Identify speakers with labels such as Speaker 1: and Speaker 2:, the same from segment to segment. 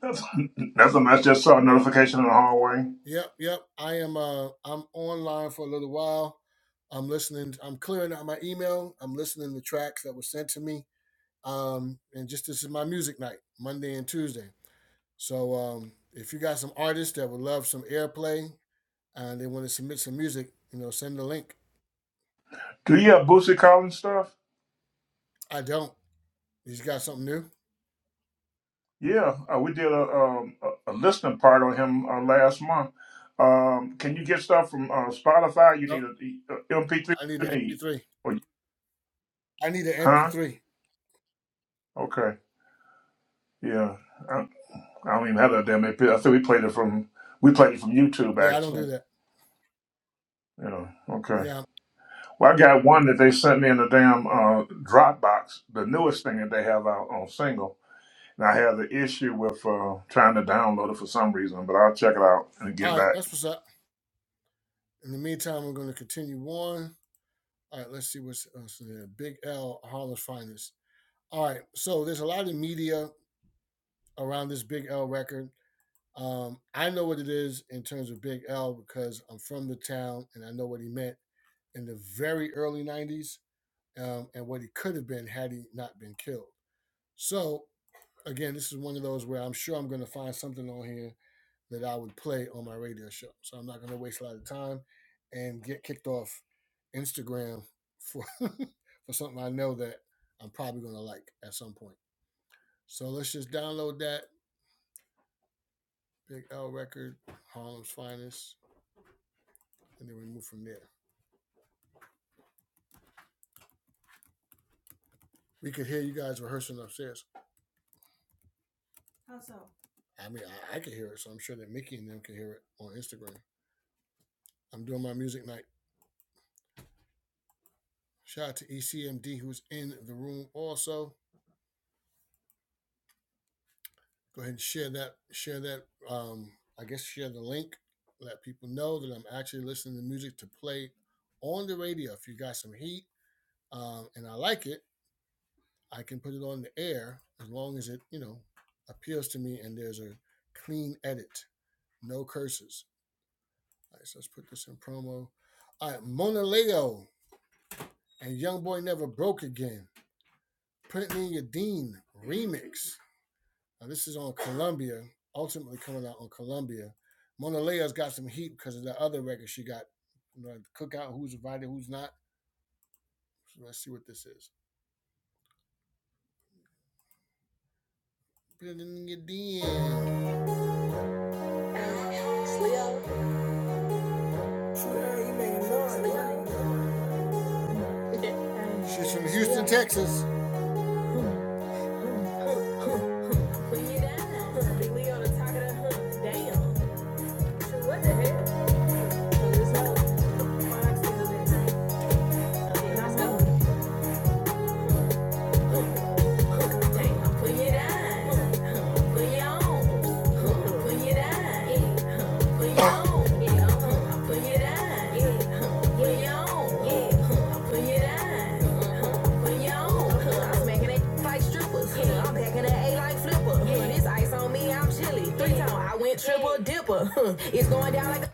Speaker 1: That's nothing. I just saw a notification in the hallway. Do you have Boosie Collins stuff? Yeah, uh, we did a, um, a a listening part on him uh, last month. Um, can you get stuff from uh, Spotify? You need a, MP3. What you need? Or you, huh? Okay. Yeah. I, I don't even have that damn MP. I think we played it from we played it from YouTube actually. You know. Okay. Well, I got one that they sent me in the damn uh, Dropbox, the newest thing that they have out on single. And I had the issue with uh, trying to download it for some reason, but I'll check it out and get back.
Speaker 2: Put it on. Put it on. Triple dipper, huh? It's going down like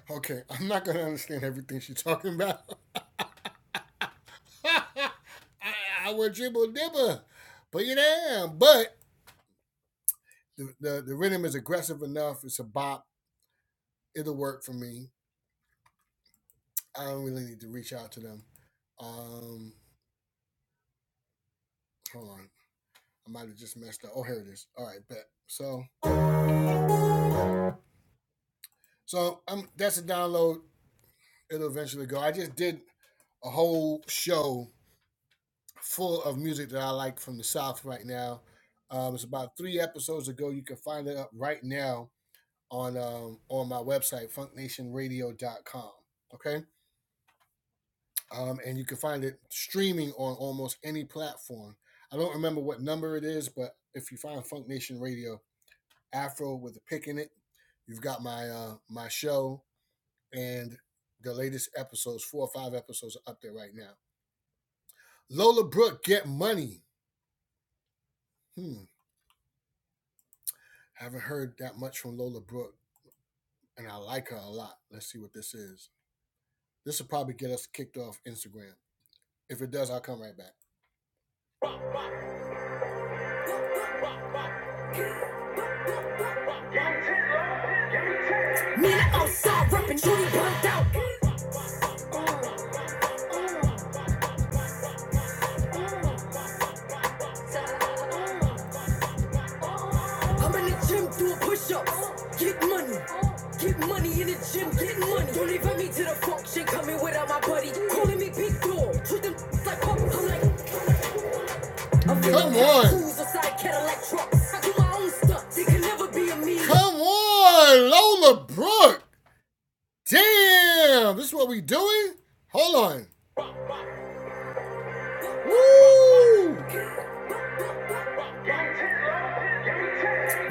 Speaker 2: a man. I'm outside rapping, Judy burnt out. I'm in the gym doing push-ups. Get money, get money in the gym, get money. Don't invite me to the function, coming without my buddy. Calling me big dog, treat them like pup. I'm like. Woo!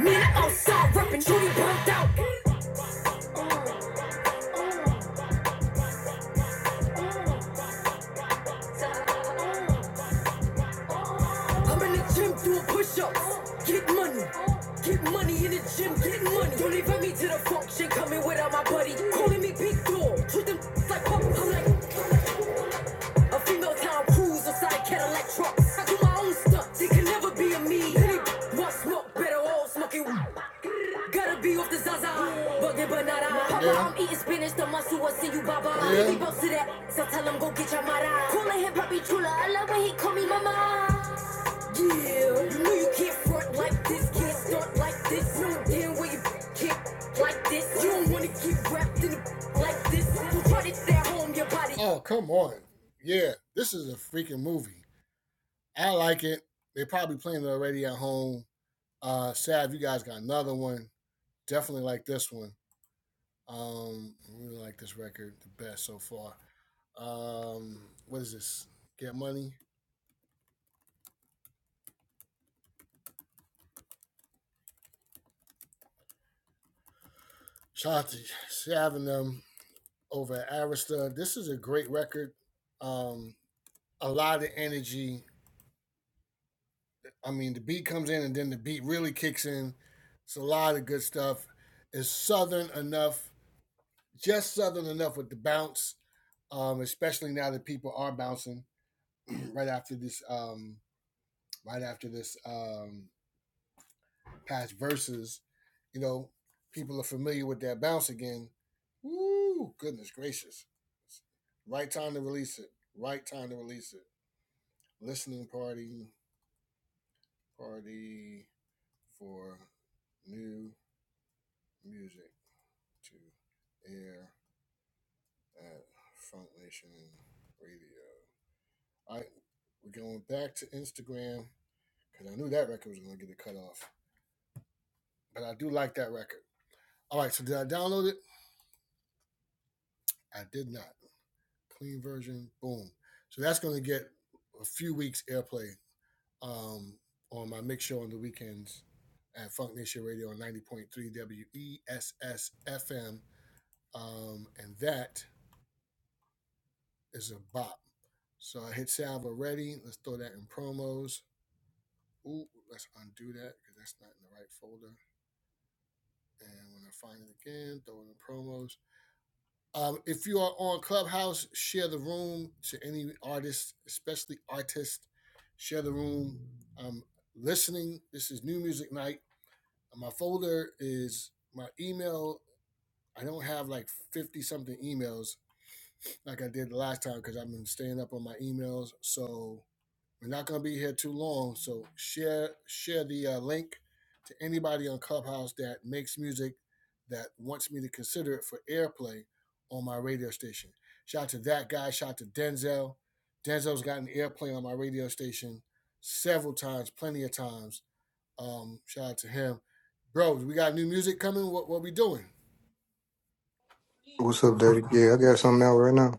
Speaker 2: Me, outside rapping, Jody burnt out. I'm in the gym doing push-ups. Get money, get money in the gym, get money. Don't invite me to the function, coming without my buddy. Calling me big dog, treat them like pop. I'm like, A female town cruise inside Cadillac trucks. I do my own stuff. They can never be a me. Any what smoke better all smoking. Gotta be off the Zaza. Bugging but not I. Papa, I'm eating spinach. The muscle was in you, Baba. Baby, bounce to that. So tell him go get your mara. Calling him Papi Chula. I love when he call me mama. Yeah, like like well like like
Speaker 3: What's up, Dirty? Yeah, I got something out right now.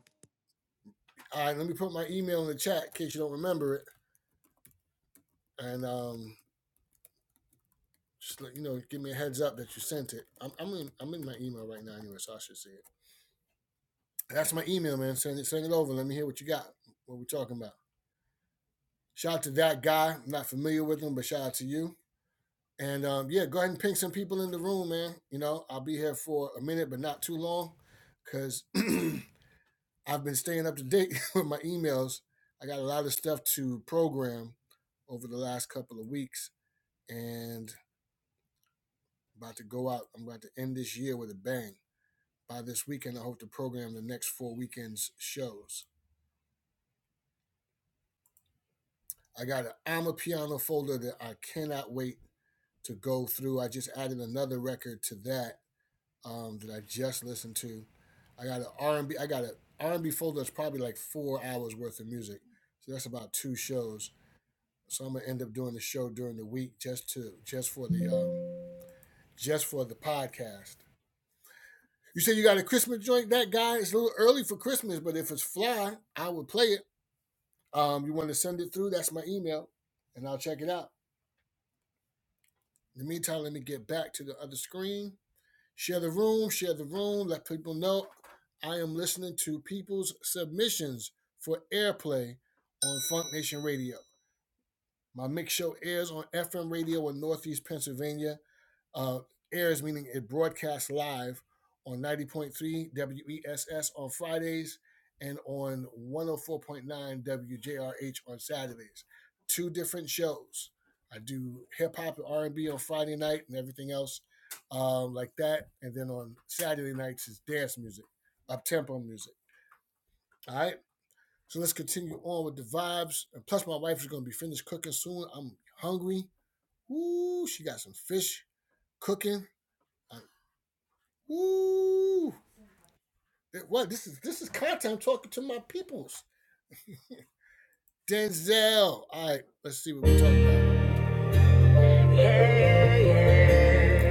Speaker 2: Yeah, yeah.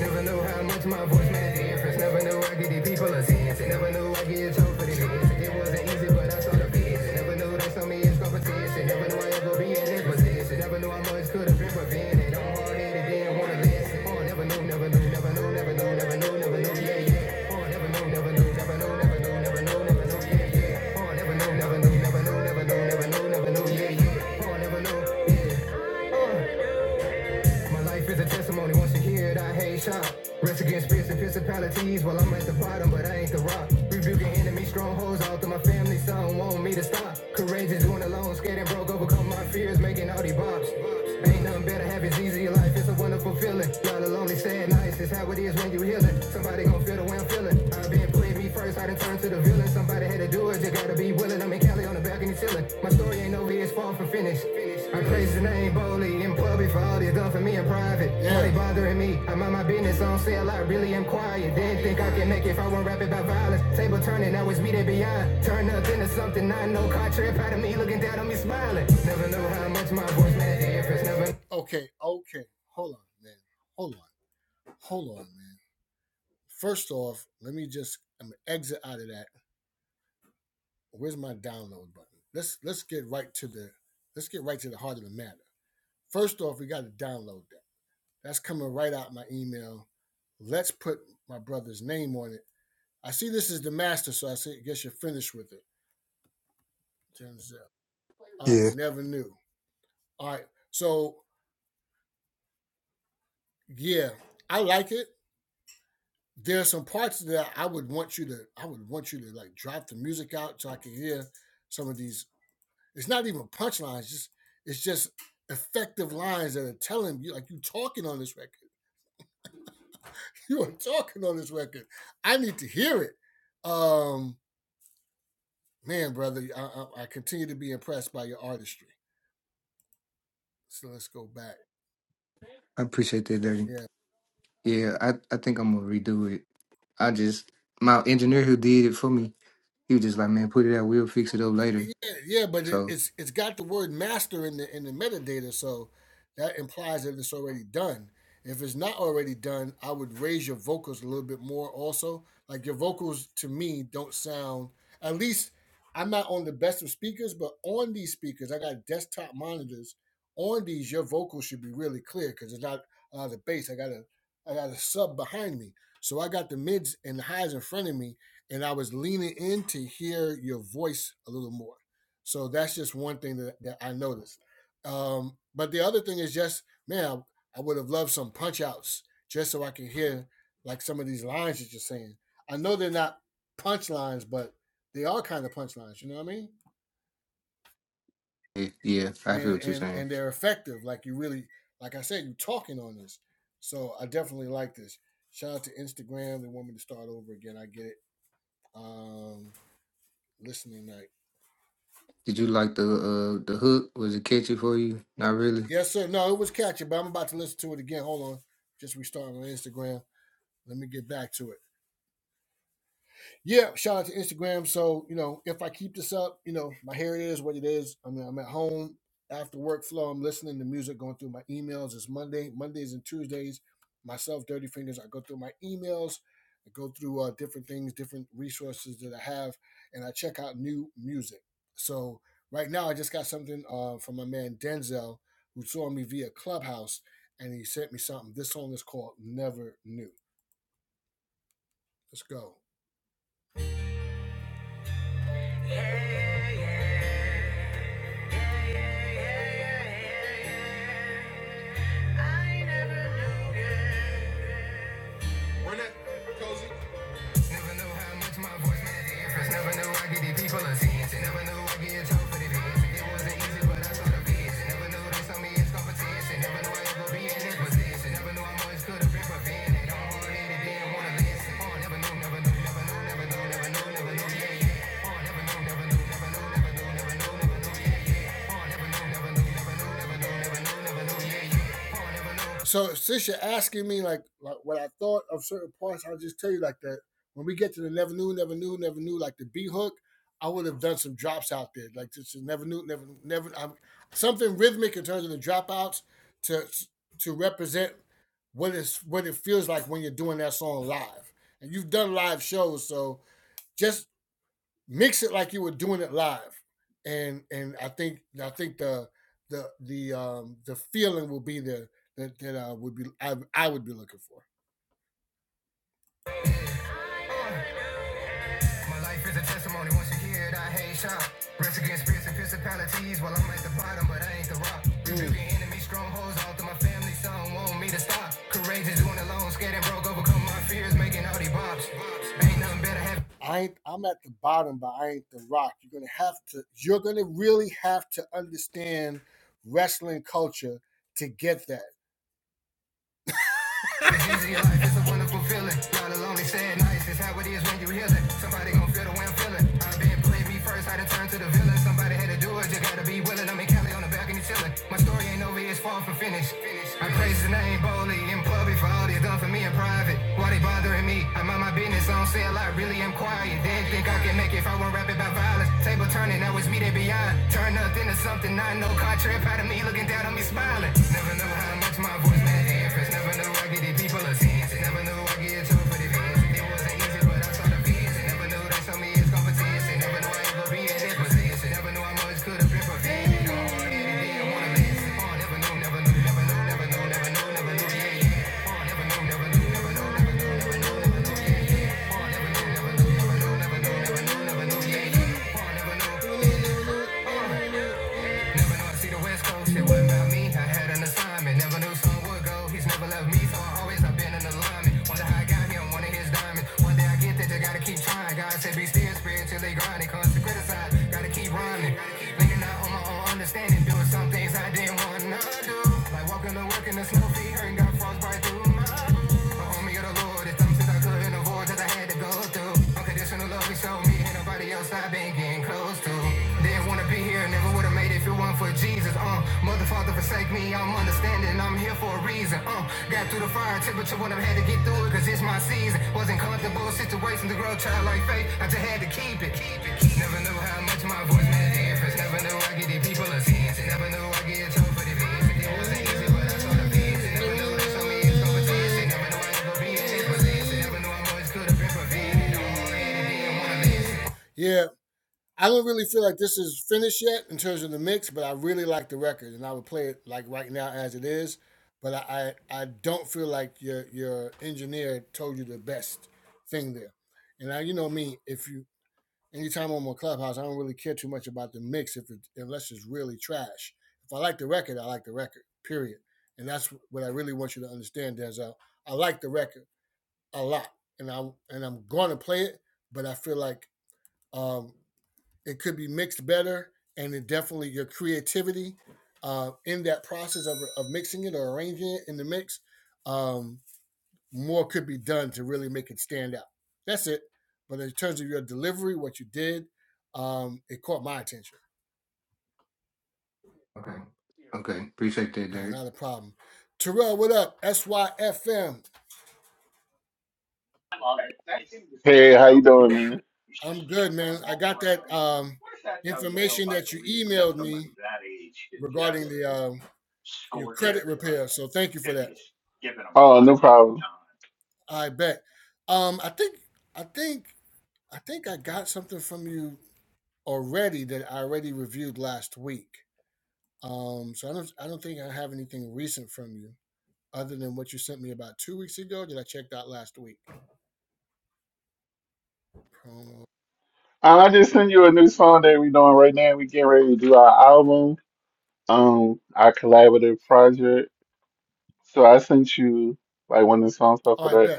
Speaker 2: Never knew how much my voice made the difference. Never knew I get these people a sense. never knew I get told for the best. It wasn't easy, but I saw the best. never knew they saw me as competition. Never knew I ever be in this position. Never knew how much could have been prevented. I'm hard-headed, didn't want to listen. Oh, never knew, never knew, never knew, never knew, never knew, never knew, yeah, yeah. Oh, never knew, never knew, never knew, never knew, never knew, never knew, yeah, yeah. Oh, never knew, never knew, never knew, never knew, never knew, never knew, yeah, yeah. Oh, never knew, yeah. Oh. My life is a testimony. Once you hear it, I hate shot. Rest against spirits and principalities while I'm at the bottom, but I ain't the rock. Rebuking enemy strongholds all through my family. Some want me to stop. Courageous, doing alone, scared and broke. Overcome my fears, making all these bops. Ain't nothing better, happy's easier Life It's a wonderful feeling. Y'all are lonely, sad nights. It's how it is when you healing. Somebody gon' feel the way I'm feeling. I've been putting me First, I done turned to the villain. Somebody had to do it. You gotta be willing. I'm in Cali on the balcony chilling. My story ain't over. here. It's far from finished. I praise the name boldly in public for all they've done for me in private. Bothering me, I'm on my business. I don't say a lot. Really, am quiet. Didn't think I could make it if I will not rapping about violence. Table turning, now it's me that beyond. Turn up into something I know. Contrary out of me looking down on me smiling. Never knew how much my voice meant to the difference. Never
Speaker 3: Yeah, I appreciate that, Dirty. Yeah, I, I think I'm gonna redo it. I just my engineer who did it for me, he was just like, man, put it out. We'll fix it up later. So yeah, yeah, I feel what you're saying. Did you like the uh the hook? Was it catchy for you? Not really.
Speaker 2: Never knew how much my voice made a difference. Never knew I could give people a sense. never knew I get told for the It wasn't easy, but I saw the best. never knew this on me is competition. Never knew I ever be in this position. Never knew I always could have been prevented. My life is a testimony. Once you hear it, I hate shop. Rest against spirits and principalities. While I'm at the bottom, but I ain't the rock. Rebuking mm. enemy strongholds all through my family. Some want me to stop. Courageous, doing alone, scared and broke. Overcome my fears, making all these bops. Ain't nothing better. happening. of your life. It's a wonderful feeling. Not alone, they say it nice. It's how it is when you heal it. Somebody gon' feel the way I'm feeling. I've been playing me first, I done turned to the villain. Somebody had to do it, you gotta be willing. I'm in Cali on the balcony chilling. My story ain't over, it's far from finished. I praise the name boldly in public for all they've done for me in private. Why they bothering me? I'm on my business, I don't say a lot, really am quiet. They didn't think I could Make if I won't rap about violence. Table turning, now it's me they beyond. Turn up into something I know. Car trip out of me, looking down on me, smiling. Never know how much my voice meant to infants. Never knew I get it, people a sense. Never knew I get it, told for the views. It wasn't easy, but I saw the views. Never knew they saw me as competition. Never knew I ever be in that position. Never knew I much could have been prevented. Oh, yeah. Never knew, never knew, never knew, never knew, never knew, never knew, yeah, yeah. Never knew, never knew, never knew. never know I see the West Coast. It wasn't about me. I had an assignment. Never knew some would go. He's never left me, so I always have been an alignment. Wonder how I got here. I'm one of his diamonds. One day I get that they gotta keep trying. God said be still spirit till they spiritually grinding. Constant criticize. Gotta keep rhyming. Leaning out on my own understanding. Doing some things I didn't want to do. Like walking to work in the snow feet. Hurting got frost right through my boots. But homie of the Lord, it's something I couldn't avoid I had to go through. Unconditional love he showed me. Ain't nobody else I've been getting close to. Then Wanna be here, never would've made it if it wasn't for Jesus. Uh, mother, father, forsake me. I'm understanding, I'm here for a reason. Uh, got through the fire temperature when I had to get through it, cause it's my season. Wasn't comfortable, situation to grow child like faith. I just had to keep it. Keep it, keep it. Never knew how much my voice made a difference. Never knew I could give people a chance. Never knew I get told for the vision. It wasn't easy, but I saw the vision. Never knew I'd ever be in this position. Never knew I always could have been prevented. Okay.
Speaker 3: Okay, appreciate that, Dirty.
Speaker 4: Hey, how you doing, man? Oh, no problem. Um, I just sent you a new song that we doing right now. We getting ready to do our album, um, our collaborative project. So I sent you like one of the songs off of that.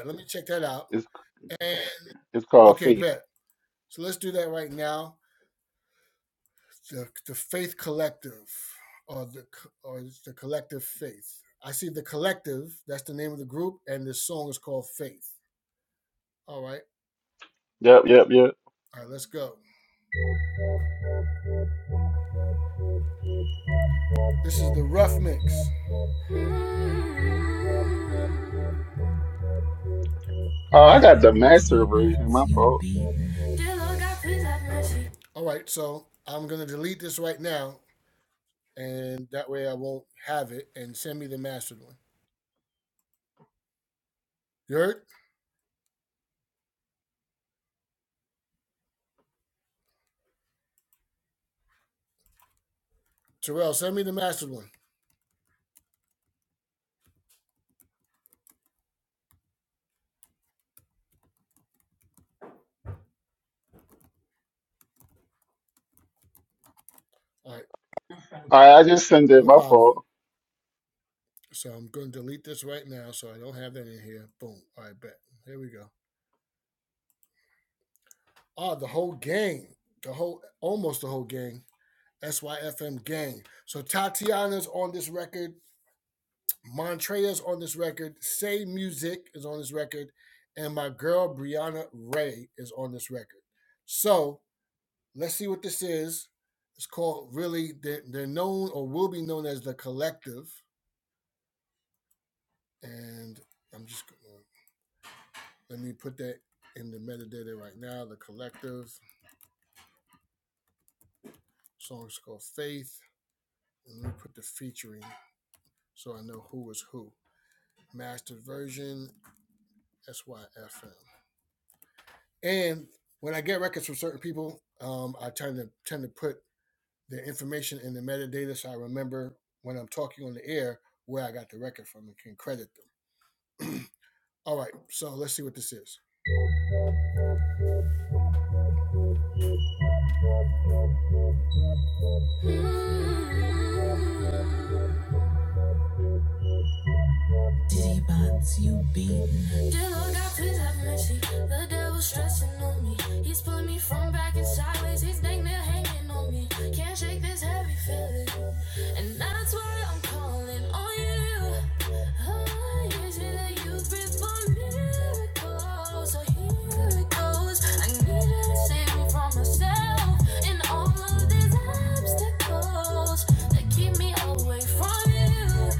Speaker 4: It's it's called Faith. Yep, yep, yep. Oh, I got the master version. My fault. All right, I just sent it. My fault.
Speaker 2: Diddy bots, you beat Dear Lord God, please have mercy. The devil's stressing on me. He's pulling me from back and sideways. He's dang near hanging on me. Can't shake this heavy feeling. And that's why I'm calling on you. Oh, is it that you breathe for miracles? So here it goes. I need you to save me from myself and all of these obstacles that keep me away from you.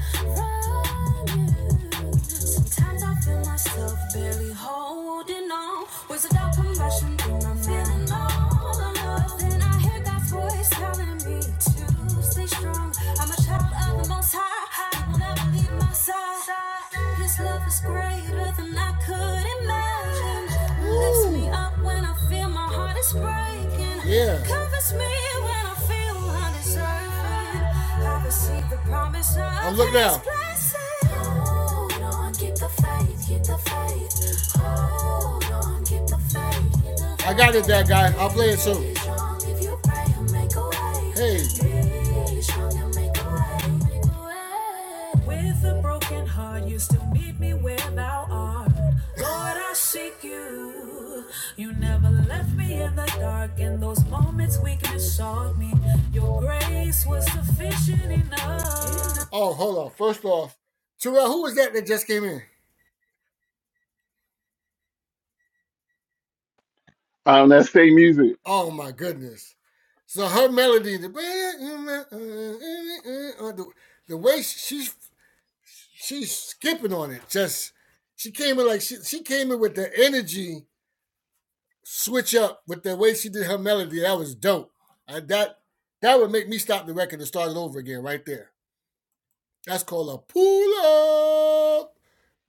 Speaker 2: From you. Sometimes I feel myself barely holding on. Was a dark compassion when I'm feeling all alone. Then I hear God's voice telling me to stay strong. I'm a child of the Most High. He will never leave my side. His love is greater than I could imagine. Ooh. Lifts me up when I feel my heart is breaking. Covers me when I feel undeserving. I receive the promise. of Hold on, keep the faith, keep the faith. Hold on, keep the faith. Be strong if you pray and make a way. Be strong and make a way. With a broken heart, you still meet me where thou art. Lord, I seek you. You never left me in the dark. In those moments, weakness sought me. Your grace was sufficient enough.
Speaker 4: Um, that's same music.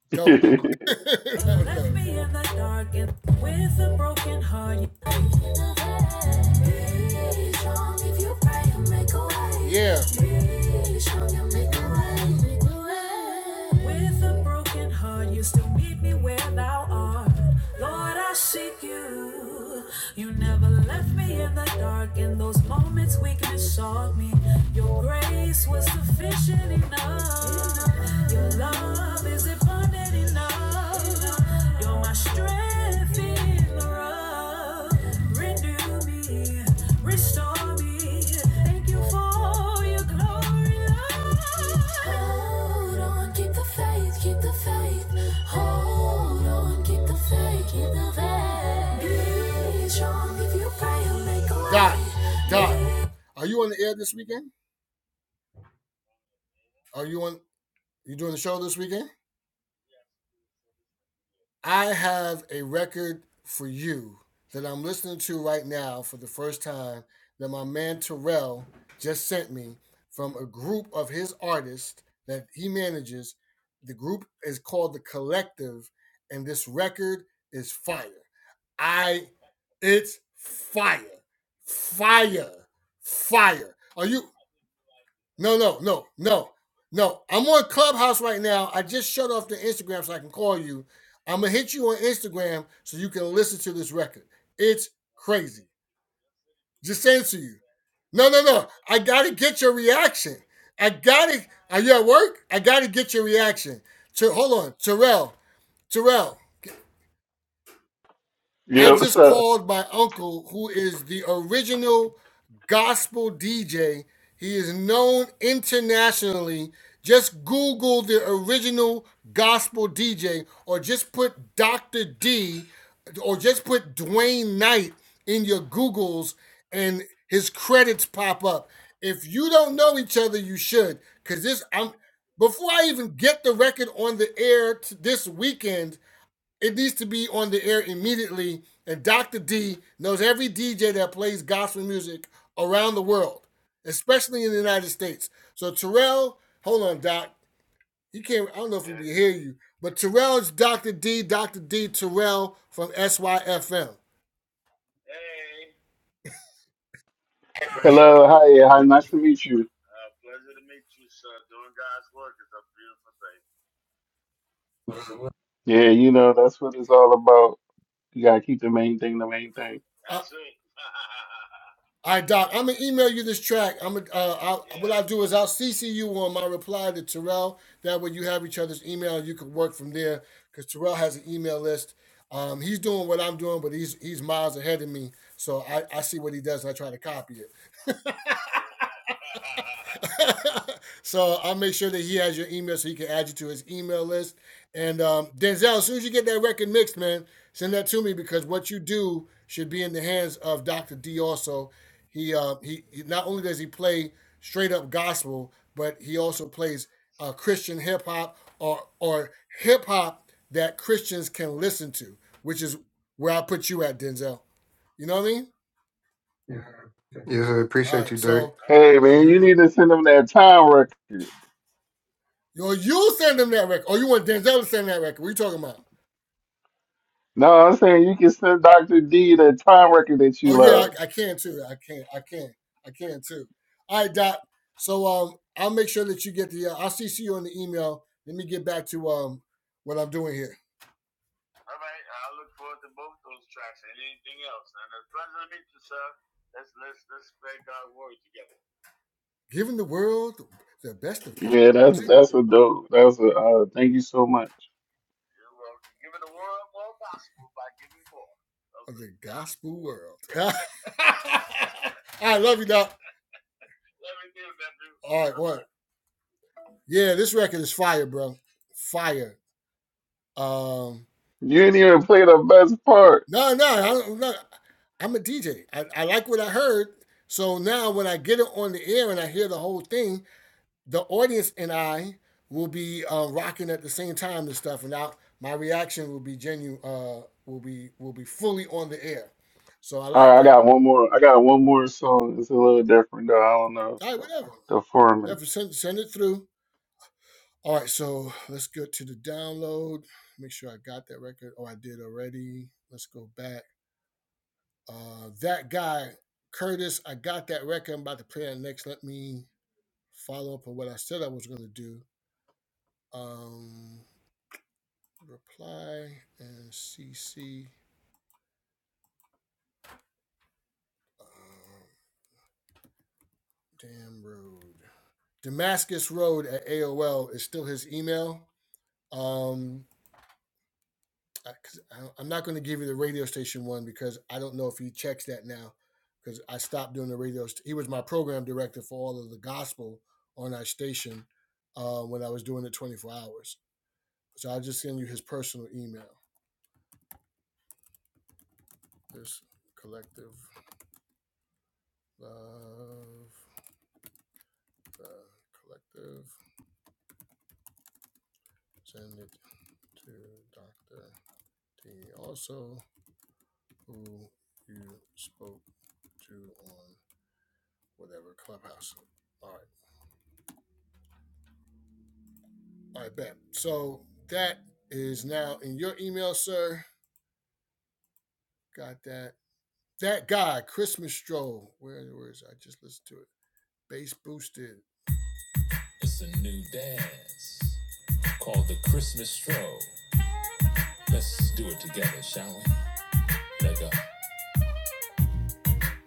Speaker 4: yep.
Speaker 2: me in the dark and with a broken heart. you- Be strong if you pray and make a way. Be strong and make a way. With a broken heart, you still meet me where thou art. Lord, I seek you. You never left me in the dark. In those moments, weakness sought me. Your grace was sufficient enough.
Speaker 4: So hello, hi, hi, nice to meet you. Yeah, you know that's what it's all about. You gotta keep the main thing the main thing.
Speaker 3: Yes, I appreciate you, Dirty.
Speaker 4: Hey man, you need to send them that time record. No, I'm saying you can send Dr. D that time record that you love. Yeah, that's that's a dope. That's a uh, thank you so much. You didn't even play the best part. All right, I got one more. I got one more song. It's a little different though. I don't know the format.
Speaker 2: It's a new dance called the Christmas stroll. Let's do it together, shall we?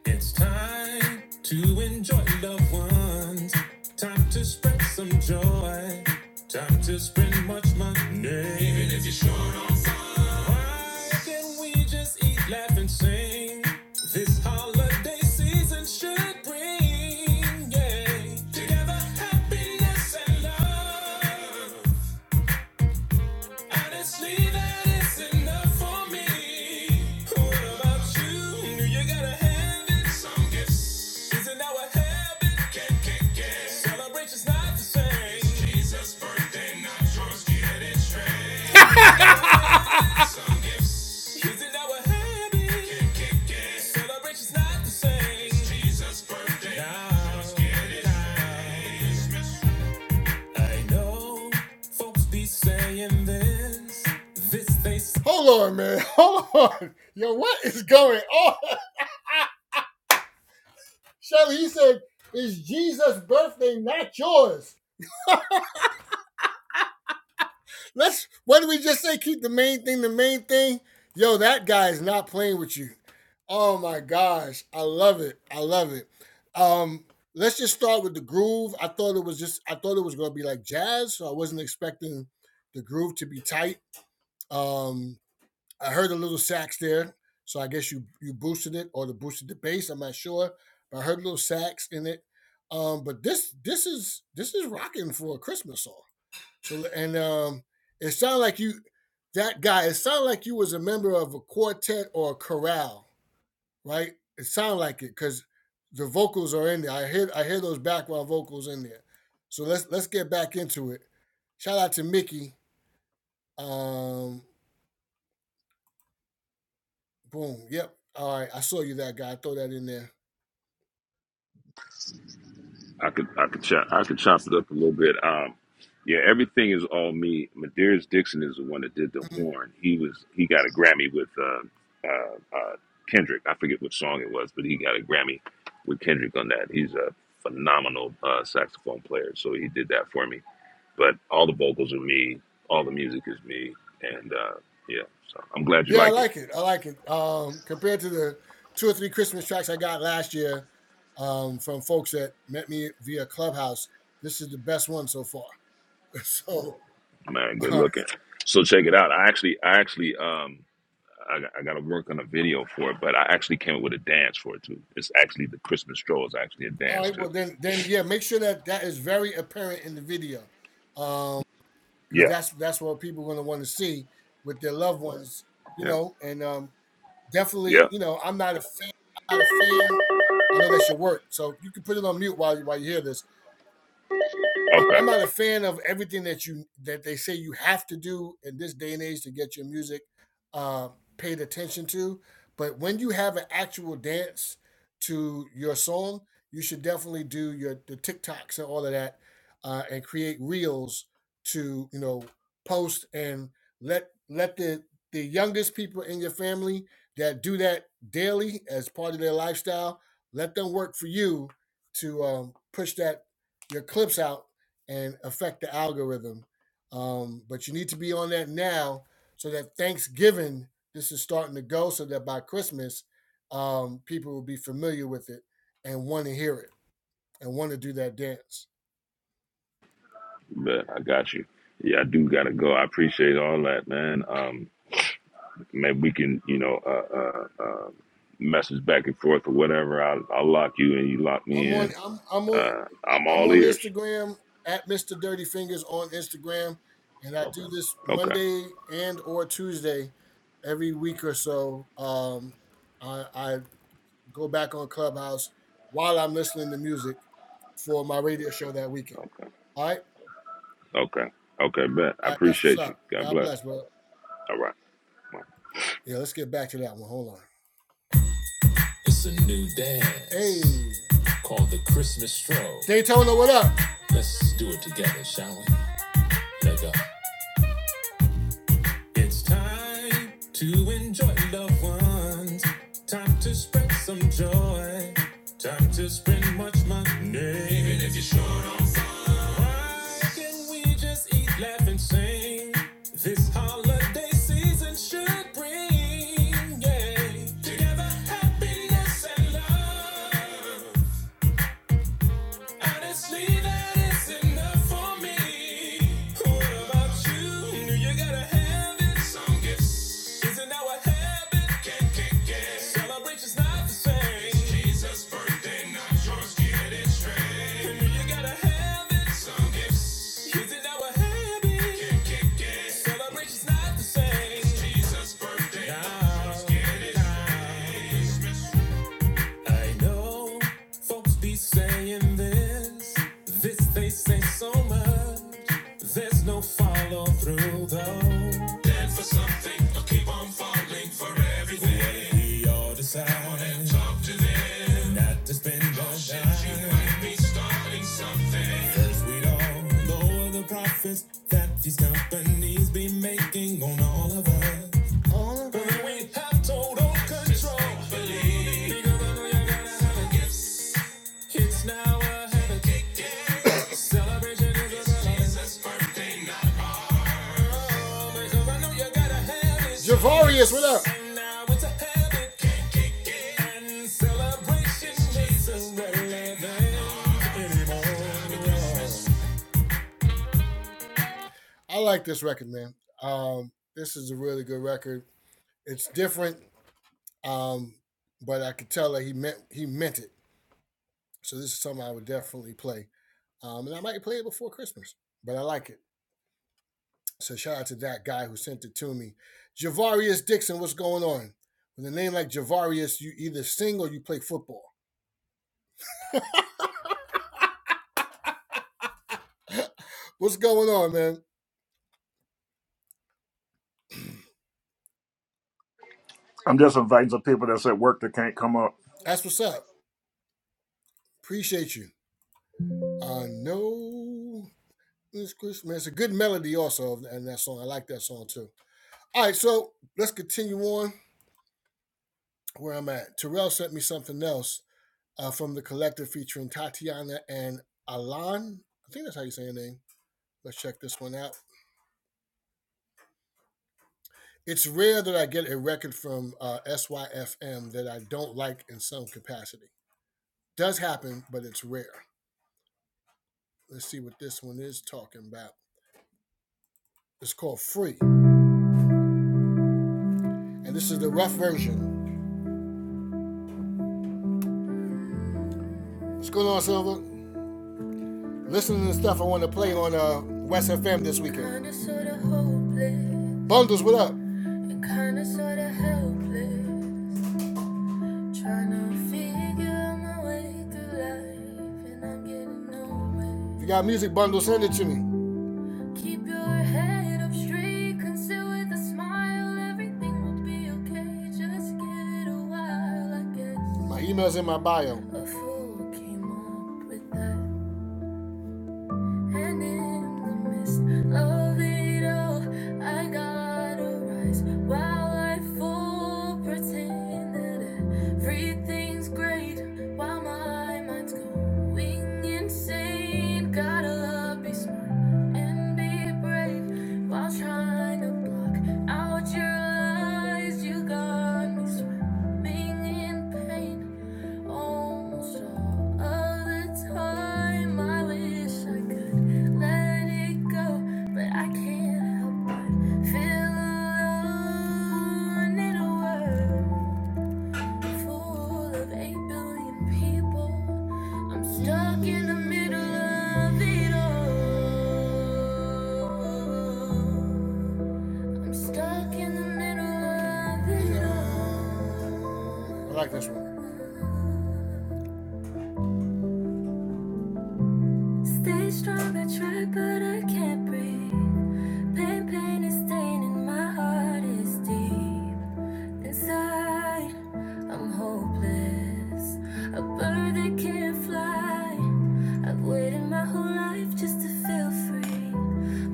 Speaker 2: It's time to enjoy loved ones. Time to spread some joy. Time to spend much money. Even if you're short on funds. Why can't we just eat, laugh, and sing? This holiday season should bring, yeah. Together, happiness and love. Honestly, that is enough for me. What about you? You gotta have it. somehow. Is it now a habit? Celebration's not the same. Jesus' birthday, not yours, get Is it now a habit? Celebration's not the same. Jesus' birthday, not yours, get I know folks be saying this. This, they
Speaker 5: I could I could chop I could chop it up a little bit. Um, yeah, everything is all me. Madeiras Dixon is the one that did the horn. He was he got a Grammy with uh, uh, uh, Kendrick. I forget what song it was, but he got a Grammy with Kendrick on that. He's a phenomenal uh, saxophone player, so he did that for me. But all the vocals are me. All the music is me, and uh, yeah. So I'm glad you like it, man. Good looking. So check it out. I actually I actually um I, got- I got to work on a video for it, but I actually came up with a dance for it too. It's actually the Christmas stroll is actually a dance too. Yeah, Yeah. yeah. Okay. But I got you. Yeah, I do gotta go. I appreciate all that, man. Um, maybe we can, you know, uh, uh, uh, message back and forth or whatever. I'll, I'll lock you and you lock me in. Uh, I'm all ears. Okay. Okay. Okay. Okay. Bet. I appreciate you. God bless. All right.
Speaker 2: It's a new dance called the Christmas stroll. Let's do it together, shall we? Let go. It's time to enjoy loved ones. Time to spread some joy. Time to spend much money. Even if you're short on funds. Why can not we just eat, laugh, and sing? This holiday season should bring, yeah. Together, happiness and love. Honestly, that is enough for me. What about you? You gotta have it. Isn't that what heaven can do? not the same. Jesus' birthday, not yours. Get it straight. you gotta have it. Sucks. Isn't that what not the same. Jesus' day, not Nah, yours. Get it nah. straight. I know folks be saying this. This they say so much. There's no follow through though. They're falling for everything. we all decide. Not to spend more time. She might be starting Cause we all know the profits that these companies be making on all of us. But we have total control. Because I know you gotta have a gift. It's now a habit. Celebration is a Jesus birthday, not hers. Oh, Because I know you gotta have it. Now it's a habit and celebration isn't relevant anymore.
Speaker 1: I'm just inviting some people that's at work that can't come up.
Speaker 2: Kinda sorta hopeless, and kinda sorta helpless. Trying to figure my way through life, and I'm getting nowhere. Keep your head up straight, conceal with a smile. Everything will be okay, just give it a while, I guess. A fool came up with that. And in the midst of it all, I gotta rise while I fall. Pretend that everything's great while my mind's going insane. Gotta be smart and be brave while trying to block out your lies. You got me swimming in pain. Almost all of the time, I wish I could let it go, but I can't help but feel alone in a world full of eight billion people. I'm stuck in the middle of it all. I'm stuck in the middle of it all. Stay strong, I try, but I can't breathe. Pain, pain is staining my heart is deep. Inside, I'm hopeless. A bird that can't fly. I've waited my whole life just to feel free.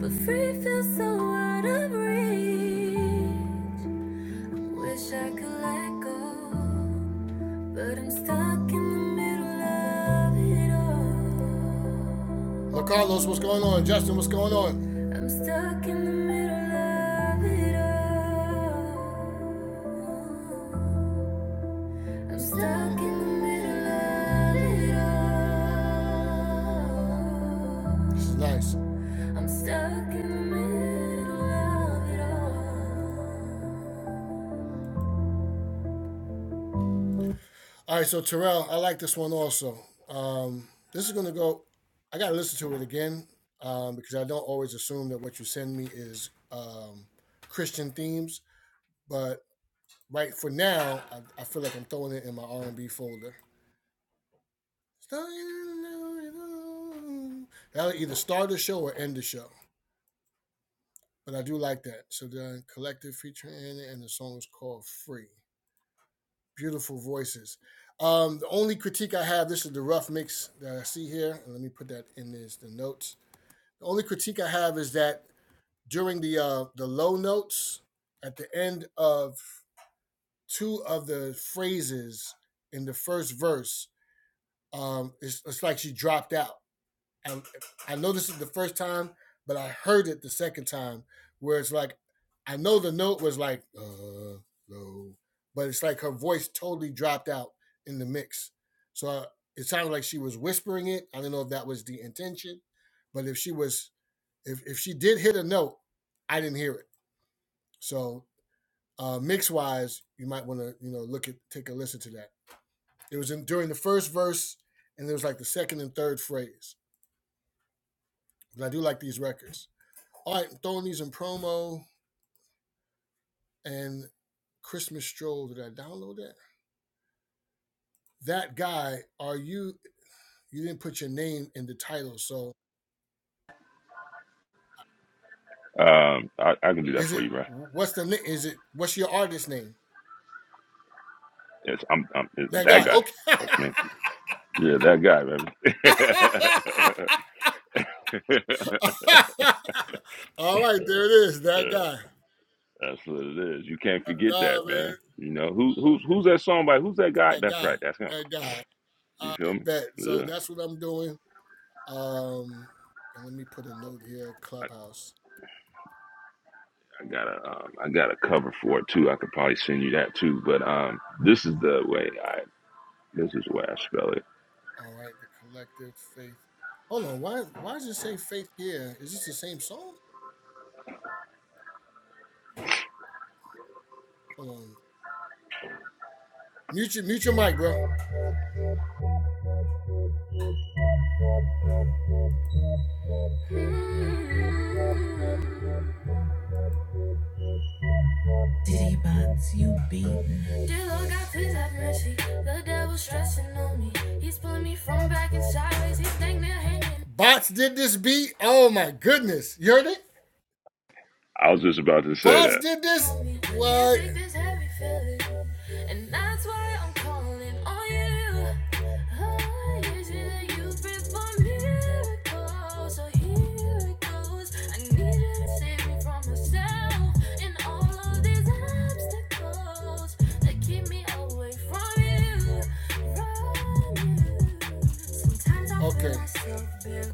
Speaker 2: But free feels so out of reach. Wish I could let go, but I'm stuck in the middle of it all. I'm stuck in the middle of it all. I'm stuck in the middle of it all. I'm stuck in the middle of it all.
Speaker 5: Um, I, I can do that for you, man. It's, I'm, I'm it's that guy. That's me. Yeah, that guy, man. yeah, that's what it is. You can't forget that, man. You know who who's who's that song by? Who's that guy? That's right. That's him. You feel me? Yeah. I, I got a um, I got a cover for it too. I could probably send you that too. But um, this is the way I this is the way I spell it.
Speaker 2: Mm. Dear Lord God, please have mercy. The devil's stressing on me. He's pulling me from back and sideways. He's dang near hanging.
Speaker 5: I was just about to say that.
Speaker 2: This heavy feeling, and that's why I'm calling on you. Oh, yes, that you breathe my miracle, so here it goes. I need you to save me from myself and all of these obstacles that keep me away from you. From you. Sometimes I'm self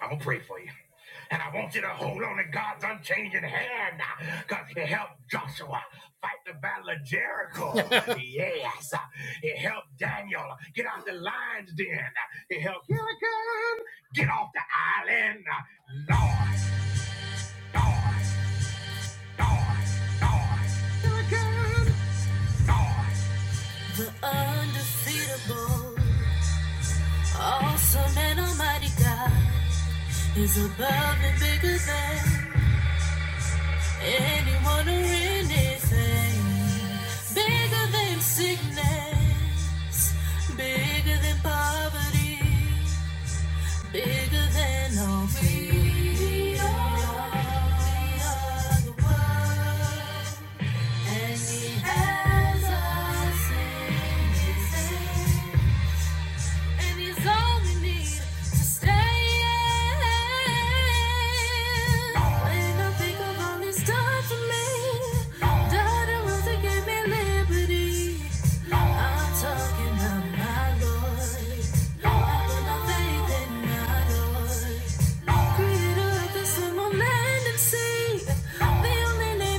Speaker 2: I will pray for you. And I want you to hold on to God's unchanging hand because he helped Joshua fight the battle of Jericho. yes. He helped Daniel get out the lion's den. He helped Hurricane get off the island. Lord, Lord, Lord, Lord. Hurricane. The undefeatable, awesome and almighty God is above and bigger than. Anyone or anything bigger than sickness, bigger than poverty, bigger than all fear. We are the world, and He has us in His hand and he's all we need to stay. When I think of all he's done for me, died a rose that gave me liberty. I'm talking about my Lord. I put my faith in my Lord. Creator of this and sea.